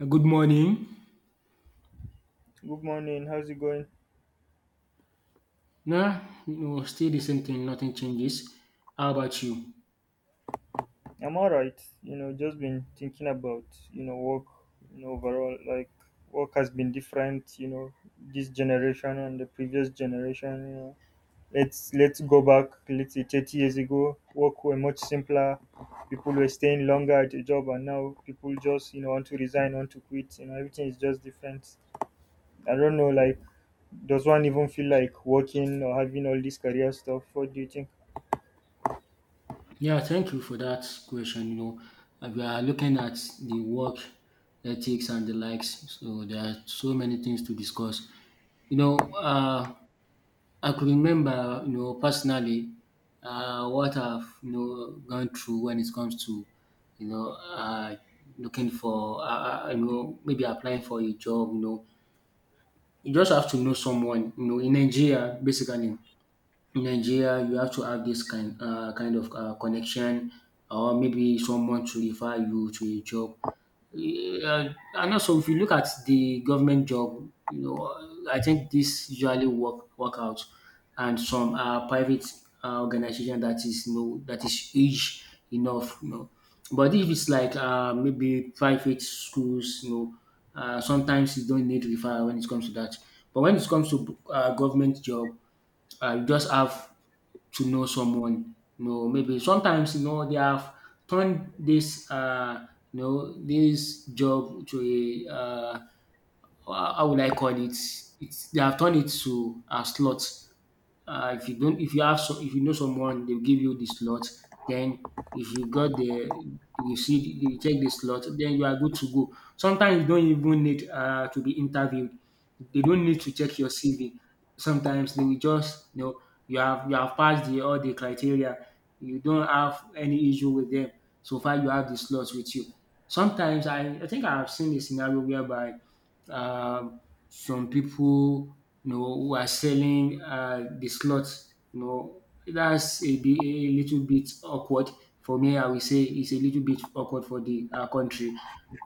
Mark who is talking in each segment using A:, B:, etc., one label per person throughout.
A: Good morning.
B: Good morning. How's it going?
A: Nah, you know, still the same thing, nothing changes. How about you?
B: I'm all right. Just been thinking about work. Overall, work has been different. This generation and the previous generation. Let's go back. Let's say 30 years ago, work were much simpler. People were staying longer at a job, and now people just want to resign, want to quit. Everything is just different. I don't know. Like, does one even feel like working or having all this career stuff? What do you think?
A: Yeah, thank you for that question. We are looking at the work ethics and the likes, so there are so many things to discuss. You know, uh, I could remember, you know, personally, what I've gone through when it comes to, you know, uh, looking for, you know, maybe applying for a job. You know, you just have to know someone, you know, in Nigeria, basically, in Nigeria, you have to have this kind of connection or maybe someone to refer you to a job, and also if you look at the government job, you know, I think this usually work out, and some private organization that is you know, that is huge enough, you know. But if it's like maybe private schools, you know, sometimes you don't need referral when it comes to that. But when it comes to government job, you just have to know someone. You know, maybe sometimes you know they have turned this you know this job to a how will I call it? It's they have turned it to a slot. If you have, so, if you know someone, they'll give you the slot. Then if you got the, you see, you check the slot, then you are good to go. Sometimes you don't even need to be interviewed. They don't need to check your CV. Sometimes they will just, you know, you have passed the all the criteria. You don't have any issue with them so far. You have the slots with you. Sometimes I think I have seen a scenario whereby um, some people you know who are selling the slots, you know that's a, a little bit awkward for me. I will say it's a little bit awkward for the country.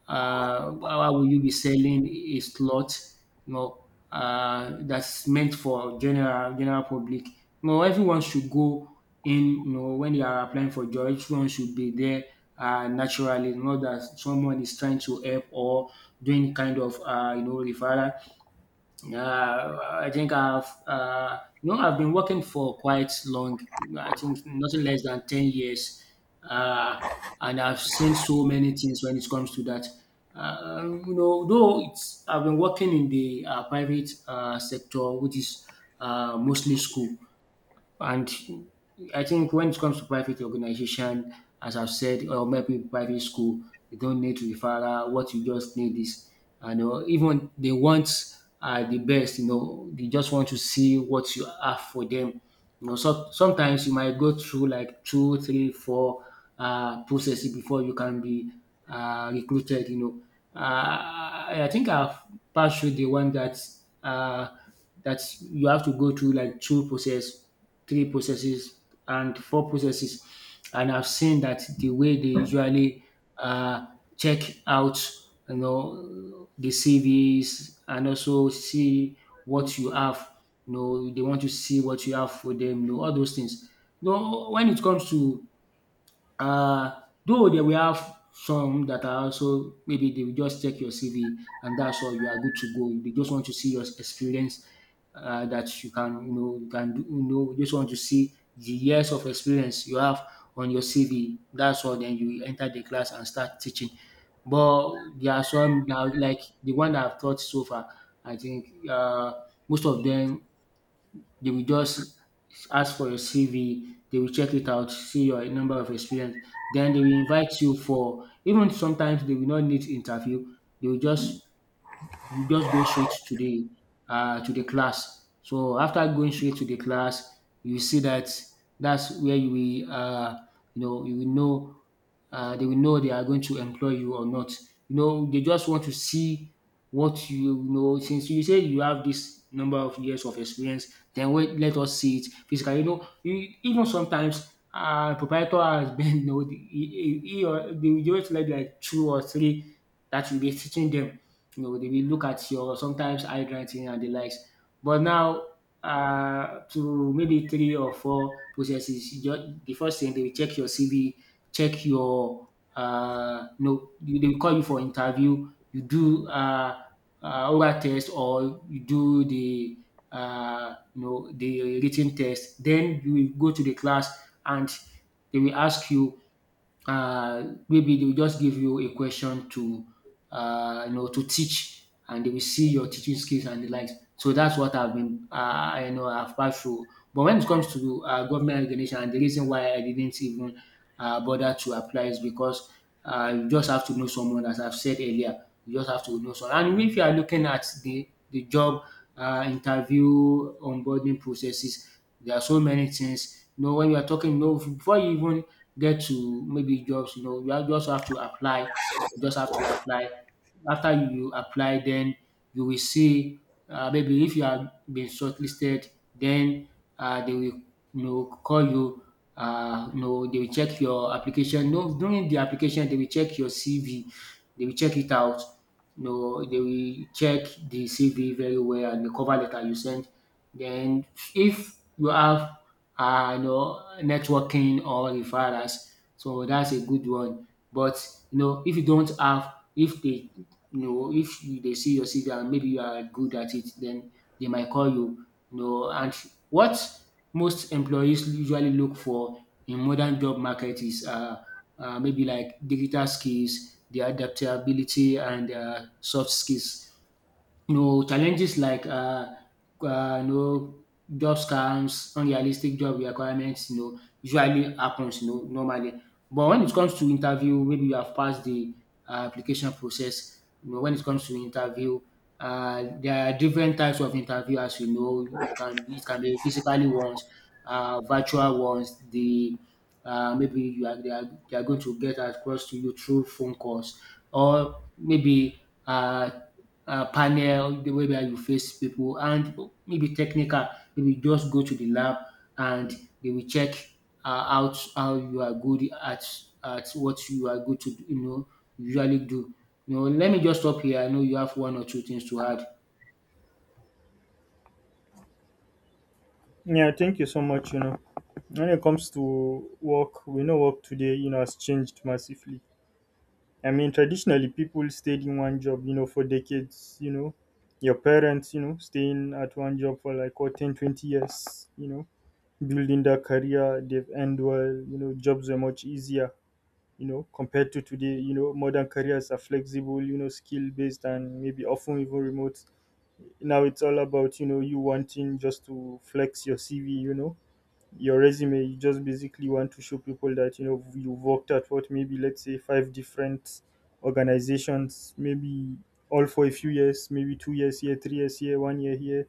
A: How will you be selling a slot, you know, that's meant for general general public? You know everyone should go in, you know, when they are applying for job everyone should be there, naturally, not that someone is trying to help or doing kind of you know referral. You know, I've been working for quite long. I think nothing less than 10 years, uh, and I've seen so many things when it comes to that. You know, though it's I've been working in the private sector, which is mostly school. And I think when it comes to private organization, as I've said, or maybe private school, you don't need referral. What you just need is, you know, even they want the best. You know, they just want to see what you have for them. You know, so sometimes you might go through like two, three, four processes before you can be recruited. I think I've passed through the one that uh, that you have to go through like two process, three processes, and four processes. And I've seen that the way they usually uh, check out, you know, the CVs and also see what you have. You know, they want to see what you have for them. You know, all those things. You know, when it comes to uh, though they will have some that are also maybe they will just check your CV and that's all, you are good to go. They just want to see your experience, that you can you know you can do, you know just want to see the years of experience you have on your CV. That's all. Then you enter the class and start teaching. But there are some now like the one I've taught so far. I think most of them they will just ask for your CV, they will check it out, see your number of experience. Then they will invite you for, even sometimes they will not need interview, they will just, you just go straight to the class. So after going straight to the class, you see that that's where you will you know you will know they will know they are going to employ you or not. You know they just want to see what you know, since you say you have this number of years of experience then wait, let us see it physically. You know you even sometimes proprietor has been you know he or they will just like two or three that will be teaching them, you know, they will look at your sometimes handwriting and the likes. But now, to maybe three or four processes, the first thing they will check your CV, check your, no, they will call you for interview. You do oral test or you do the you know the written test. Then you will go to the class and they will ask you maybe they will just give you a question to you know to teach and they will see your teaching skills and the likes. So that's what I've been you know I've passed through. But when it comes to government regulation, and the reason why I didn't even bother to apply is because you just have to know someone, as I've said earlier. You just have to know someone, and if you are looking at the job interview onboarding processes, there are so many things, you know, when you are talking, you know, before you even get to maybe jobs. You know you just have to apply. You just have to apply. After you apply, then you will see, maybe if you have been shortlisted, then they will, you know, call you. You know they will check your application, no, during the application they will check your CV, they will check it out, you know they will check the CV very well and the cover letter you send. Then if you have you know networking or referrals. So that's a good one. But you know if you don't have, if they, you know, if they see your CV and maybe you are good at it, then they might call you. You know, and what most employees usually look for in modern job market is maybe like digital skills, their adaptability and soft skills, you know, challenges like you know job scams, unrealistic job requirements, you know usually happens, you know, normally. But when it comes to interview, maybe you have passed the application process, you know, when it comes to interview, there are different types of interview, as you know. You can, it can be physically ones, virtual ones, the maybe you are they are going to get across to you through phone calls or maybe panel whereby you face people, and maybe technical, maybe just go to the lab and they will check out how you are good at what you are good to do, you know usually do. You know, let me just stop here. I know you have one or two things to add.
B: Yeah, thank you so much. When it comes to work, we know work today has changed massively. I mean, traditionally, people stayed in one job for decades your parents staying at one job for like what, 10, 20 years building their career. They've earned well jobs are much easier compared to today. Modern careers are flexible skill based, and maybe often even remote. Now it's all about you wanting just to flex your CV, your resume. You just basically want to show people that you worked at, what, maybe let's say five different organizations, maybe all for a few years, maybe 2 years here, 3 years here, one year here,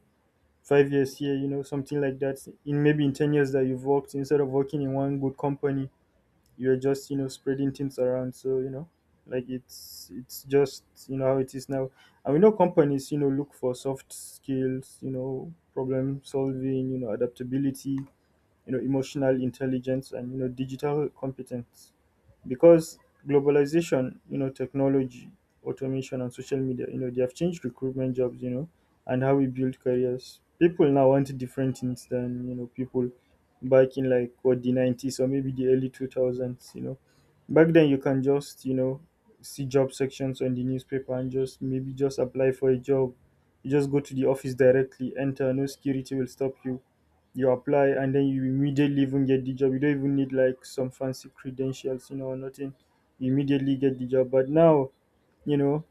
B: 5 years here, something like that, in maybe in 10 years that you've worked, instead of working in one good company. You're just, you know, spreading things around, so like it's just, you know, how it is now. And we know companies look for soft skills, problem solving, adaptability, emotional intelligence, and digital competence. Because globalization, you know, technology, automation, and social media, you know, they have changed recruitment jobs, you know, and how we build careers. People now want different things than, you know, people back in, like, what, the 90s or maybe the early 2000s. Back then you can just, you know, see job sections on the newspaper, and just maybe just apply for a job. You just go to the office directly, enter, no security will stop you. You apply, and then you immediately even get the job. You don't even need like some fancy credentials or nothing. You immediately get the job. But now, you know,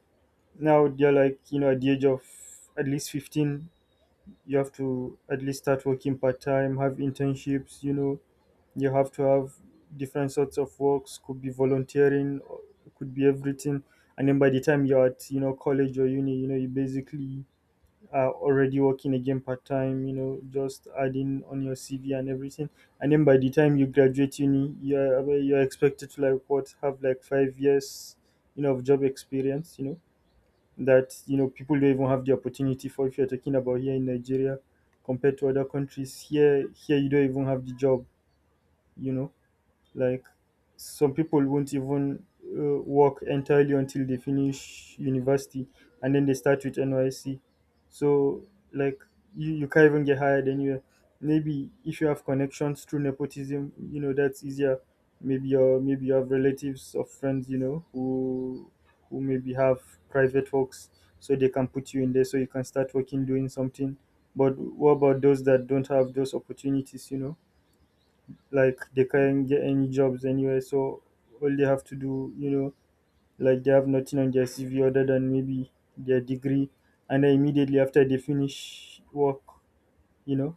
B: now they're like at the age of at least 15, you have to at least start working part time, have internships you have to have different sorts of works, could be volunteering, or could be everything. And then by the time you're at college or uni you basically are already working again part time just adding on your CV and everything. And then by the time you graduate uni, you're expected to, like, what, have like 5 years of job experience that people don't even have the opportunity for, if you're talking about here in Nigeria compared to other countries. Here, here you don't even have the job, you know like some people won't even work entirely until they finish university, and then they start with NYC. So like you can't even get hired anywhere. Maybe if you have connections through nepotism, you know that's easier. Maybe you have relatives or friends who maybe have private works, so they can put you in there, so you can start working doing something. But what about those that don't have those opportunities? Like, they can't get any jobs anywhere, so all they have to do, like, they have nothing on their cv other than maybe their degree. And then immediately after they finish work, you know,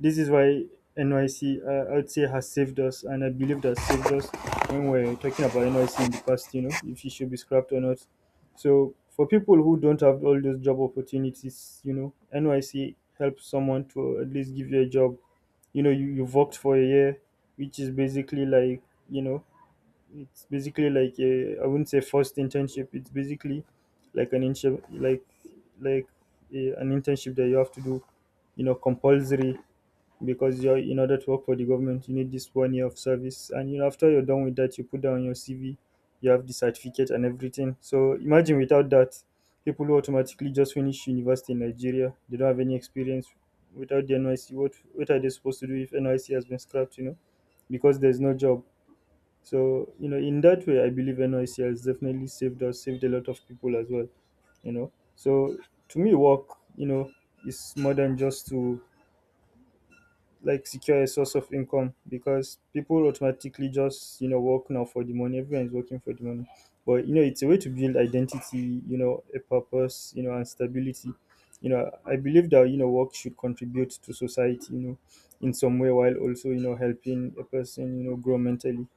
B: this is why NYC, I would say, has saved us, and I believe that saved us when we're talking about NYC in the past, if it should be scrapped or not. So, for people who don't have all those job opportunities NYC helps someone to at least give you a job. You've worked for a year, which is basically like, you know, it's basically like a, I wouldn't say first internship, it's basically like an internship, like, like an internship that you have to do, compulsory, because you're in order to work for the government, you need this one year of service. And after you're done with that, you put down your CV, you have the certificate and everything. So imagine without that, people who automatically just finish university in Nigeria, they don't have any experience. Without the NYC, what are they supposed to do if NYC has been scrapped, you know? Because there's no job. So in that way, I believe NYC has definitely saved us, saved a lot of people as well, you know, so to me, work, you know, is more than just to, like, secure a source of income, because people automatically just work now for the money. Everyone is working for the money. But it's a way to build identity, you know, a purpose, you know, and stability. I believe that work should contribute to society, you know, in some way, while also helping a person, you know, grow mentally,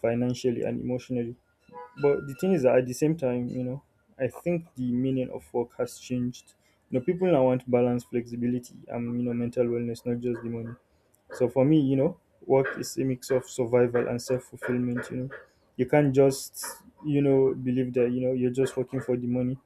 B: financially, and emotionally. But the thing is that, at the same time, I think the meaning of work has changed. People now want balance, flexibility, and mental wellness, not just the money. So for me work is a mix of survival and self fulfillment. You can't just believe that you're just working for the money.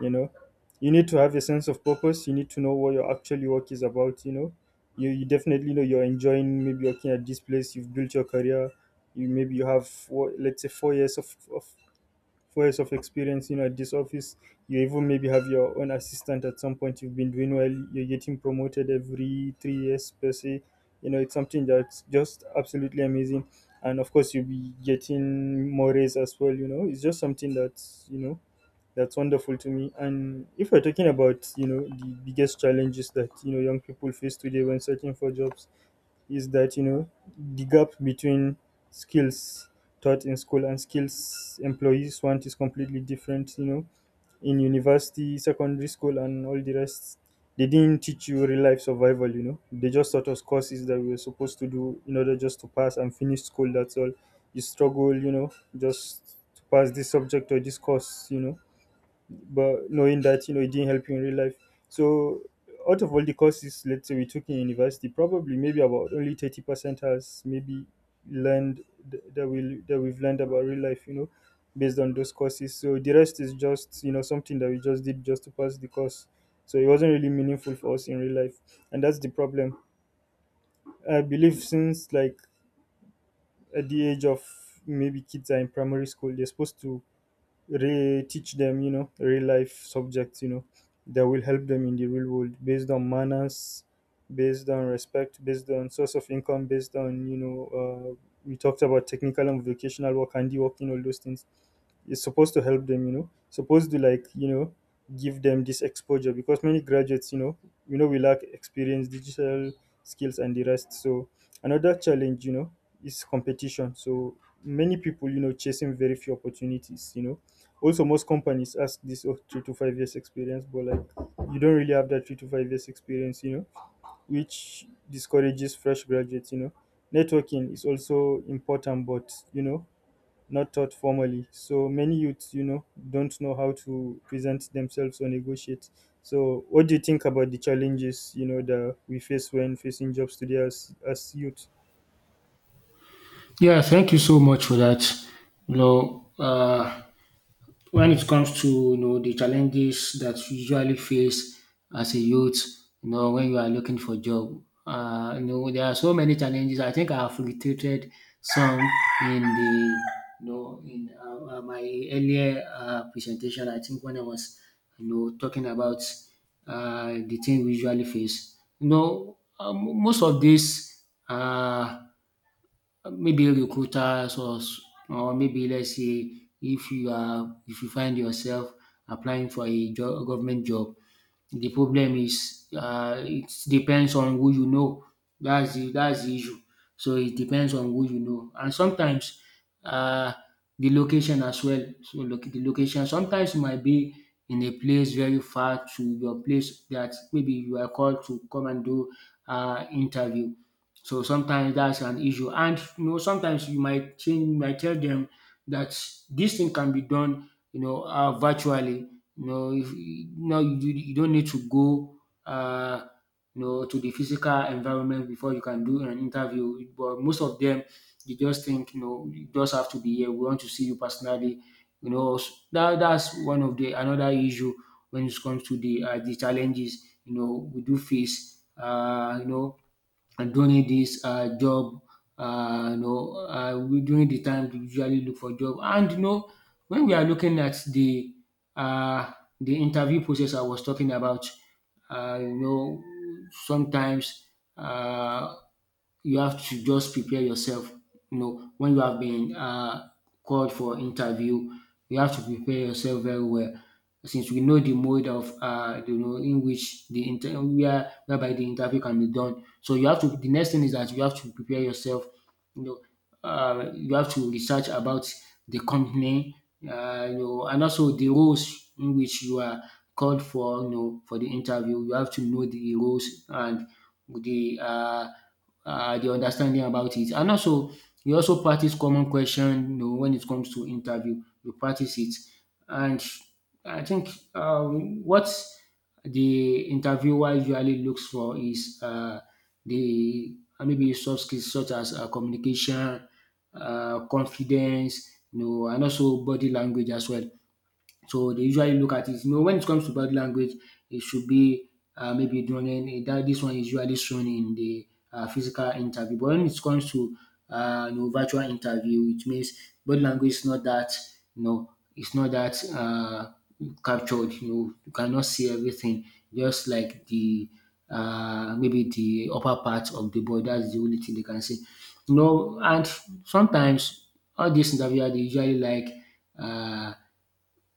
B: You know, you need to have a sense of purpose. You need to know what your actually work is about. You definitely know you're enjoying maybe working at this place, you've built your career. You maybe you have, what, let's say, 4 years of 4 years of experience, at this office. You even maybe have your own assistant at some point. You've been doing well. You're getting promoted every 3 years per se. It's something that's just absolutely amazing. And of course, you'll be getting more raise as well. It's just something that's that's wonderful to me. And if we're talking about the biggest challenges that young people face today when searching for jobs, is that the gap between skills taught in school and skills employees want is completely different. In university, secondary school, and all the rest, they didn't teach you real life survival. They just taught us courses that we were supposed to do in order just to pass and finish school, that's all. You struggle, you know, just to pass this subject or this course, you know, but knowing that it didn't help you in real life. So out of all the courses, let's say we took in university, probably maybe about only 30% has maybe learned that we've learned about real life, based on those courses. So the rest is just something that we just did just to pass the course. So it wasn't really meaningful for us in real life, and that's the problem. I believe since, like, at the age of maybe kids are in primary school, they're supposed to re teach them real life subjects, you know that will help them in the real world, based on manners, based on respect, based on source of income, based on we talked about technical and vocational work, handiwork, you know, all those things is supposed to help them, supposed to, like give them this exposure, because many graduates, we lack experience, digital skills, and the rest. So another challenge is competition. So many people chasing very few opportunities. Also, most companies ask this of 3 to 5 years experience, but like you don't really have that 3 to 5 years experience, which discourages fresh graduates. Networking is also important, but not taught formally. So many youths don't know how to present themselves or negotiate. So, what do you think about the challenges that we face when facing jobs today, as youth?
A: Yeah, thank you so much for that. You know uh. When it comes to, you know, the challenges that you usually face as a youth, you know when you are looking for job, you know there are so many challenges. I think I have reiterated some in the you know in my earlier presentation. I think when I was you know talking about the thing we usually face, most of these. Uh, Maybe recruiters or maybe let's say if you are if you find yourself applying for a job, government job, the problem is, it depends on who you know. That's the issue. So it depends on who you know, and sometimes uh, the location as well. So look, the location sometimes it might be in a place very far to your place, that maybe you are called to come and do interview. So sometimes that's an issue. And you know, sometimes you might change, you might tell them that this thing can be done, you know, virtually. You know, if, you know, you don't need to go, uh, you know, to the physical environment before you can do an interview. But most of them, they just think, you know, you just have to be here. We want to see you personally. You know, that's one of the another issue when it comes to the challenges, you know, we do face. And during this job during the time to usually look for job, and you know, when we are looking at um the interview process I was talking about, um you know sometimes, um you have to just prepare yourself. You know, when you have been called for interview, you have to prepare yourself very well. Since we know the mode of, you know, in which the whereby the interview can be done. So you have to. The next thing is that you have to prepare yourself. You know, you have to research about the company, you know, and also the roles in which you are called for, you know, for the interview. You have to know the roles and the uh, the understanding about it. And also, you also practice common question, you know, when it comes to interview. You practice it, and I think, what the interviewer usually looks for is, the maybe soft skills such as, communication, confidence, you know, and also body language as well. So they usually look at it. You know, when it comes to body language, it should be, maybe during that. This one is usually shown in the physical interview. But when it comes to you know, virtual interview, it means body language is not that. You know, it's not that captured. You know, you cannot see everything, just like the, maybe, the upper part of the body. That's the only thing they can see. You know, and sometimes all dis interviewer they usually like, um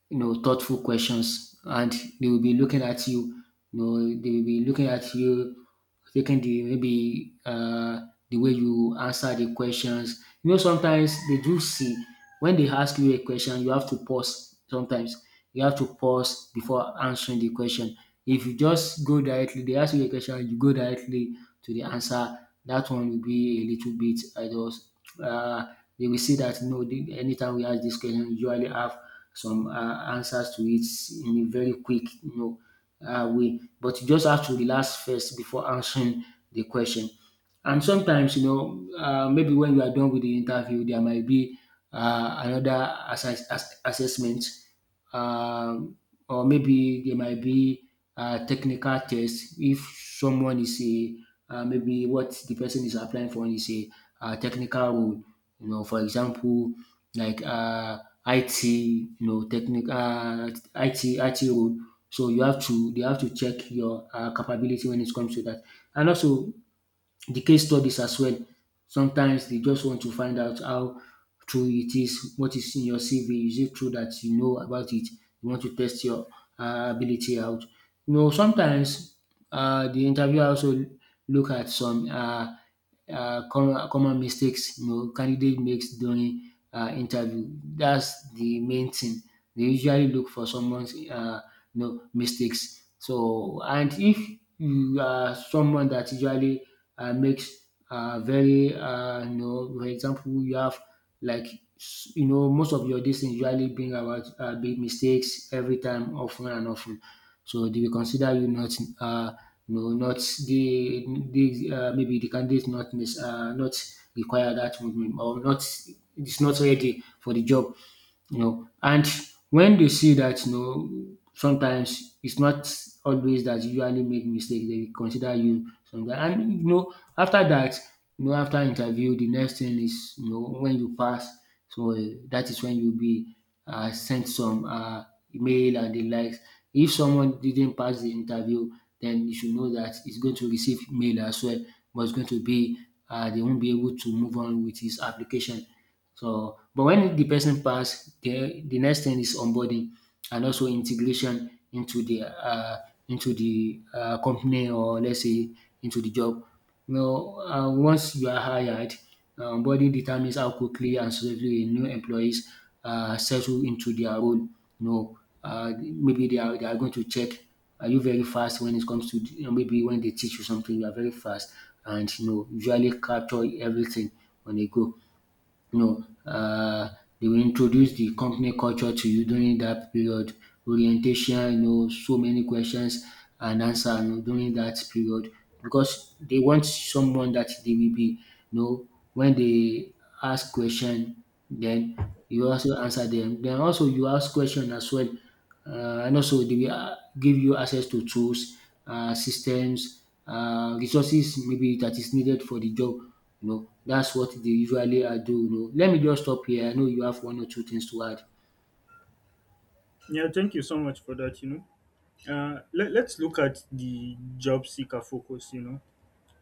A: you know, thoughtful questions, and they will be looking at you. You know, they will be looking at you, taking the, maybe, the way you answer the questions. You know, sometimes they do see, when they ask you a question, you have to pause. Sometimes you have to pause before answering the question. If you just go directly, they ask you a question, you go directly to the answer. That one will be a little bit. I just, uh, they will see that no, anytime we ask this question, we usually have some, answers to it in a very quick, you know, way. But you just have to relax first before answering the question. And sometimes, you know, maybe when you are done with the interview, there might be, another assessment. Um or maybe there might be, technical tests if someone is a, maybe what the person is applying for is a, technical role, you know, for example, like, IT, you know, technical, IT role. So you have to, they have to check your, capability when it comes to that. And also the case studies as well, sometimes they just want to find out how true it is, what is in your CV. Is it true that you know about it? You want to test your, ability out. You know, sometimes, the interviewer also look at some, common mistakes, you know, candidate makes during, interview. That's the main thing. They usually look for someone's, you know, mistakes. So, and if you are someone that usually, makes, very, you know, for example, you have like, you know, most of your distance things usually bring about, big mistakes every time, often and often, so they will consider you not, uh, you know, not the maybe the candidate not not require that movement or not. It's not ready for the job, you know. And when they see that, you know, sometimes it's not always that you usually make mistakes, they will consider you sometimes. And you know, after that, you know, after interview, the next thing is, you know, when you pass, so, that is when you'll be, sent some, email and the likes. If someone didn't pass the interview, then you should know that he's going to receive mail as well, but it's going to be, they won't be able to move on with his application. So, but when the person pass, the next thing is onboarding and also integration into the, company, or let's say into the job. You know, once you are hired, onboarding determines how quickly and swiftly new employees, settle into their role. You know, maybe they are going to check, are you very fast when it comes to, you know, maybe when they teach you something you are very fast and you know usually capture everything on a go. You know, they will introduce the company culture to you during that period. Orientation, you know, so many questions and answer, you know, during that period, because they want someone that they will be, you know, when they ask question, then you also answer them. Then also you ask question as well. And also they will, give you access to tools, systems, resources, maybe, that is needed for the job. You know, that's what they usually, do. You know, let me just stop here. I know you have one or two things to add.
B: Yeah, thank you so much for that. Let's look at the job seeker focus.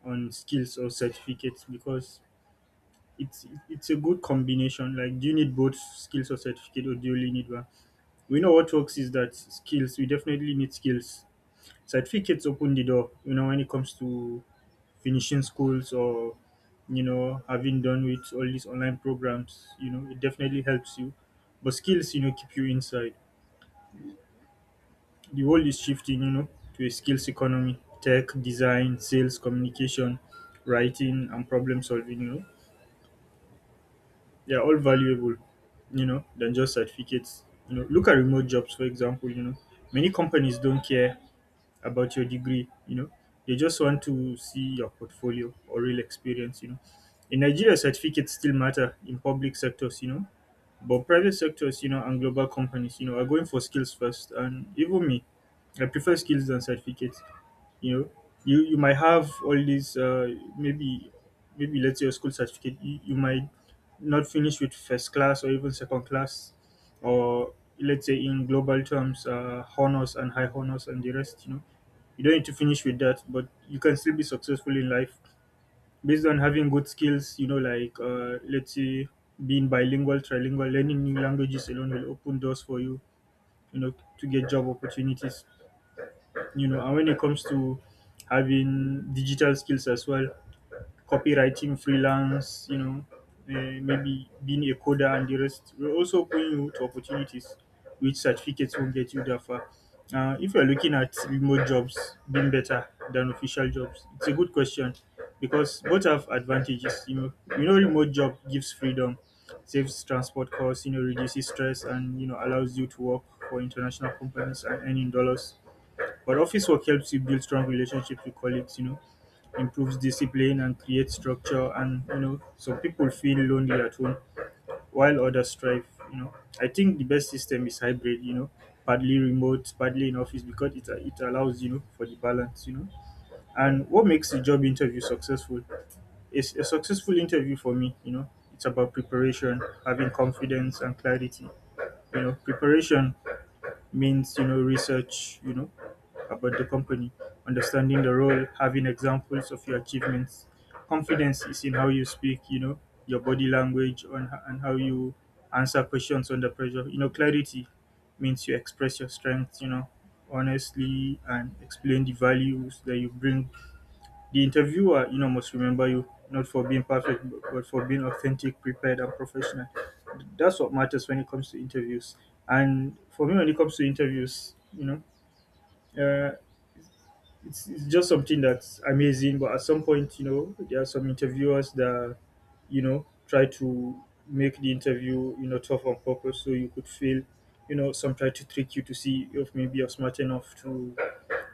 B: On skills or certificates, because it's a good combination. Like, do you need both skills or certificate, or do you only need one? We know what works is that skills. We definitely need skills. Certificates open the door, you know, when it comes to finishing schools, or you know, having done with all these online programs, you know, it definitely helps you. But skills, you know, keep you inside. The world is shifting, you know, to a skills economy. Tech, design, sales, communication, writing, and problem solving, you know, they are all valuable, you know, than just certificates. You know, look at remote jobs for example. You know, many companies don't care about your degree, you know. They just want to see your portfolio or real experience, you know. In Nigeria, certificates still matter in public sectors, you know, but private sectors, you know, and global companies, you know, are going for skills first. And even me, I prefer skills than certificates. You know, you might have all these, maybe, maybe let's say your school certificate, you might not finish with first class or even second class, or let's say in global terms, honors and high honors and the rest, you know, you don't need to finish with that, but you can still be successful in life based on having good skills. You know, like let's say being bilingual, trilingual, learning new languages alone will open doors for you, you know, to get job opportunities. You know, and when it comes to having digital skills as well, copywriting, freelance, you know, maybe being a coder and the rest. We're also opening you to opportunities which certificates will get you that far. If you're looking at remote jobs being better than official jobs, it's a good question because both have advantages. You know, remote job gives freedom, saves transport costs, you know, reduces stress, and you know allows you to work for international companies and earn in dollars. But office work helps you build strong relationships with colleagues. You know, improves discipline and creates structure, and you know some people feel lonely at home while others thrive, you know. I think the best system is hybrid, you know, partly remote, partly in office, because it allows, you know, for the balance, you know. And what makes a job interview successful, is a successful interview for me, you know, it's about preparation, having confidence and clarity. You know, preparation means, you know, research, you know, about the company, understanding the role, having examples of your achievements. Confidence is in how you speak, you know, your body language, on and how you answer questions under pressure. You know, clarity means you express your strengths, you know, honestly, and explain the values that you bring. The interviewer, you know, must remember you not for being perfect, but for being authentic, prepared, and professional. That's what matters when it comes to interviews. And for me, when it comes to interviews, you know, uh, it's just something that's amazing, but at some point, you know, there are some interviewers that, you know, try to make the interview, you know, tough on purpose so you could feel, you know. Some try to trick you to see if maybe you're smart enough to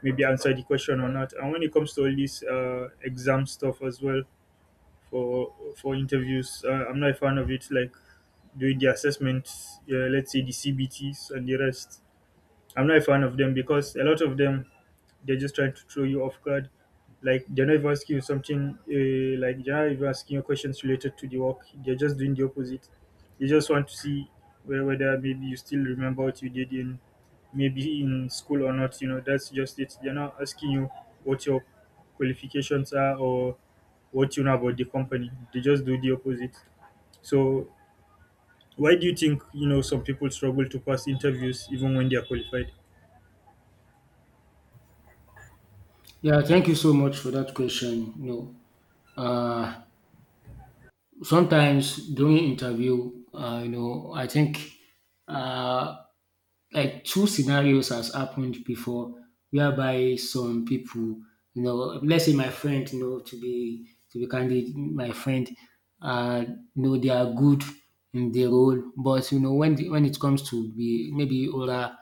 B: maybe answer the question or not. And when it comes to all this exam stuff as well for interviews, I'm not a fan of it. Like doing the assessment, let's say the CBTs and the rest. I'm not a fan of them because a lot of them, they're just trying to throw you off guard. Like they're not even asking you something. Like they're not even asking you questions related to the work. They're just doing the opposite. They just want to see whether maybe you still remember what you did in maybe in school or not. You know, that's just it. They're not asking you what your qualifications are, or what you know about the company. They just do the opposite. So why do you think, you know, some people struggle to pass interviews even when they are qualified?
A: Yeah, thank you so much for that question. You know, uh, sometimes during interview, you know, I think, uh, like two scenarios has happened before, whereby some people, you know, let's say my friend, you know, to be candid, my friend, uh you know, they are good in their role, but you know, when when it comes to be maybe oral,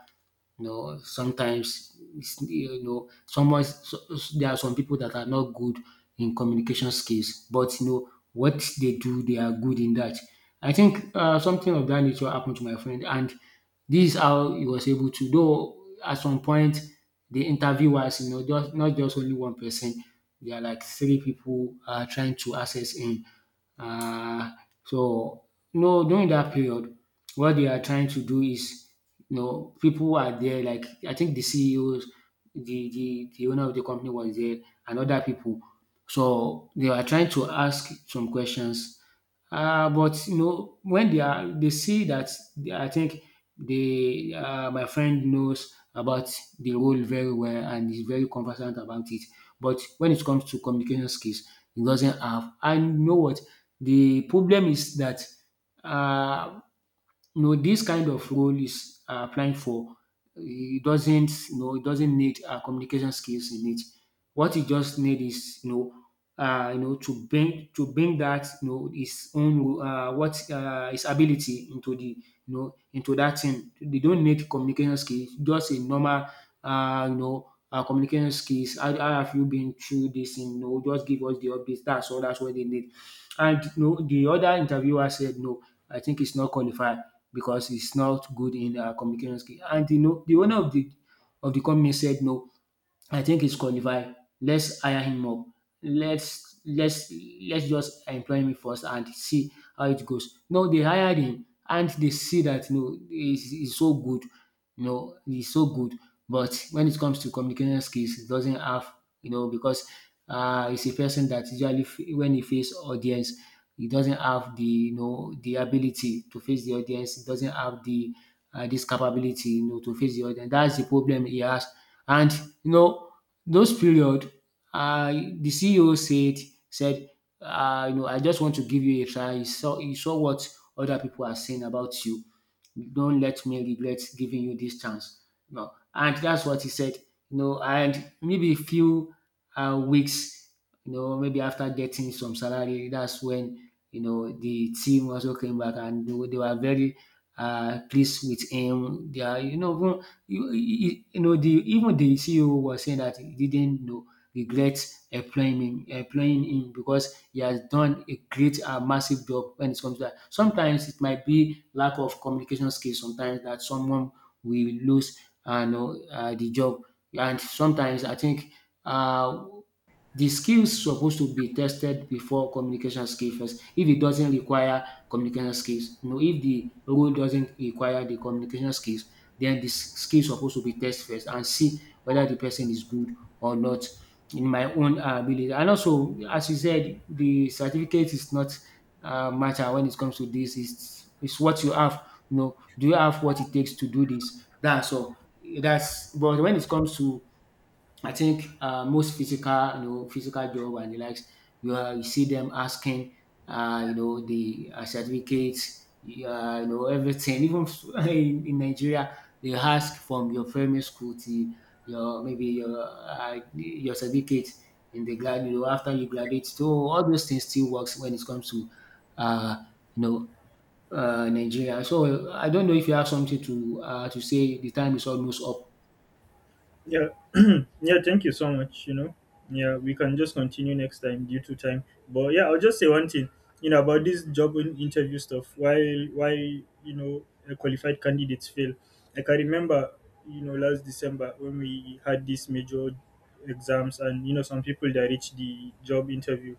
A: you know, sometimes it's, you know, someone. So there are some people that are not good in communication skills, but you know what they do, they are good in that. I think, something of that nature happened to my friend, and this is how he was able to. Though at some point, the interviewers, you know, just not just only one person, there are like three people, trying to access him. Uh, so no, during that period, what they are trying to do is, you know, people who are there, like I think the CEOs, the owner of the company was there, and other people. So they are trying to ask some questions. But you know, when they are, they see that, I think they, my friend knows about the role very well and is very conversant about it. But when it comes to communication skills, he doesn't have. And you know what? The problem is that, uh, you know, this kind of role is, applying for. It doesn't, you know, it doesn't need, communication skills in it. What it just need is, you know, to bring that, you know, his own, what his ability into the, you know, into that thing. They don't need communication skills. Just a normal, you know, communication skills. How have you been through this? You know, just give us the updates. That's all. That's what they need. And no, the other interviewer said no. I think it's not qualified, because it's not good in, communication skill. And you know, the owner of the company said no, I think he's qualified. Let's hire him up. Let's let's let's just employ him first and see how it goes. No, they hired him, and they see that no, he's so good. You know, he's so good. But when it comes to communication skills, he doesn't have, you know, because, he's a person that usually, when he face audience, he doesn't have the, you know, the ability to face the audience. He doesn't have the, this capability, you know, to face the audience. That's the problem he has. And you know, those period, the CEO said, you know, I just want to give you a try. You saw what other people are saying about you. Don't let me regret giving you this chance. No, and that's what he said. You know, and maybe a few, weeks, you know, maybe after getting some salary, that's when, you know, the team also came back and they, they were very, pleased with him. They are, you know, you know, the even the CEO was saying that he didn't, you know, regret employing him because he has done a great and massive job when it comes to that. Sometimes it might be lack of communication skills, sometimes, that someone will lose, you know, the job. And sometimes I think, uh, the skills supposed to be tested before communication skill first, if it doesn't require communication skills, you know, if the role doesn't require the communication skills, then skill suppose to be test first and see whether the person is good or not, in my own, ability. And also, as you said, the certificate is not, matter when it comes to this. It's what you have. You know, do you have what it takes to do this? That's all. That's, but when it comes to, I think, most physical, you know, physical job and the likes, you see them asking, you know, the, certificates, you know, everything. Even in Nigeria, they ask from your primary school to your, maybe your, your certificate in the grad, you know, after you graduate. So all those things still works when it comes to, uh, you know, Nigeria. So I don't know if you have something to, to say. The time is almost up.
B: Yeah, Yeah, thank you so much. You know, yeah, we can just continue next time due to time. But yeah, I'll just say one thing. You know, about this job interview stuff. Why, you know, qualified candidates fail? Like I remember, you know, last December when we had these major exams, and you know some people that reached the job interview,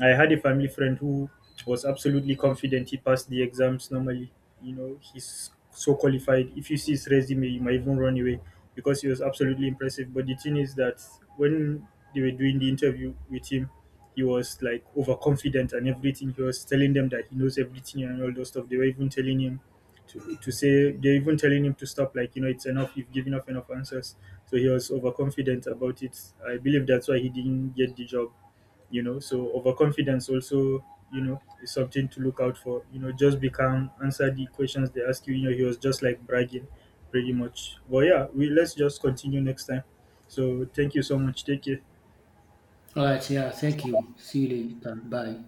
B: I had a family friend who was absolutely confident he passed the exams normally. You know, he's so qualified. If you see his resume, you might even run away because he was absolutely impressive. But the thing is that when they were doing the interview with him, he was like overconfident and everything. He was telling them that he knows everything and all those stuff. They were even telling him they're even telling him to stop, like, you know, it's enough, you've given off enough answers. So he was overconfident about it. I believe that's why he didn't get the job. You know, so overconfidence also, you know, is something to look out for. You know, just be calm, answer the questions they ask you. You know, he was just like bragging pretty much. But yeah, we let's just continue next time. So thank you so much, take care.
A: All right, yeah, thank you. See you later. Bye.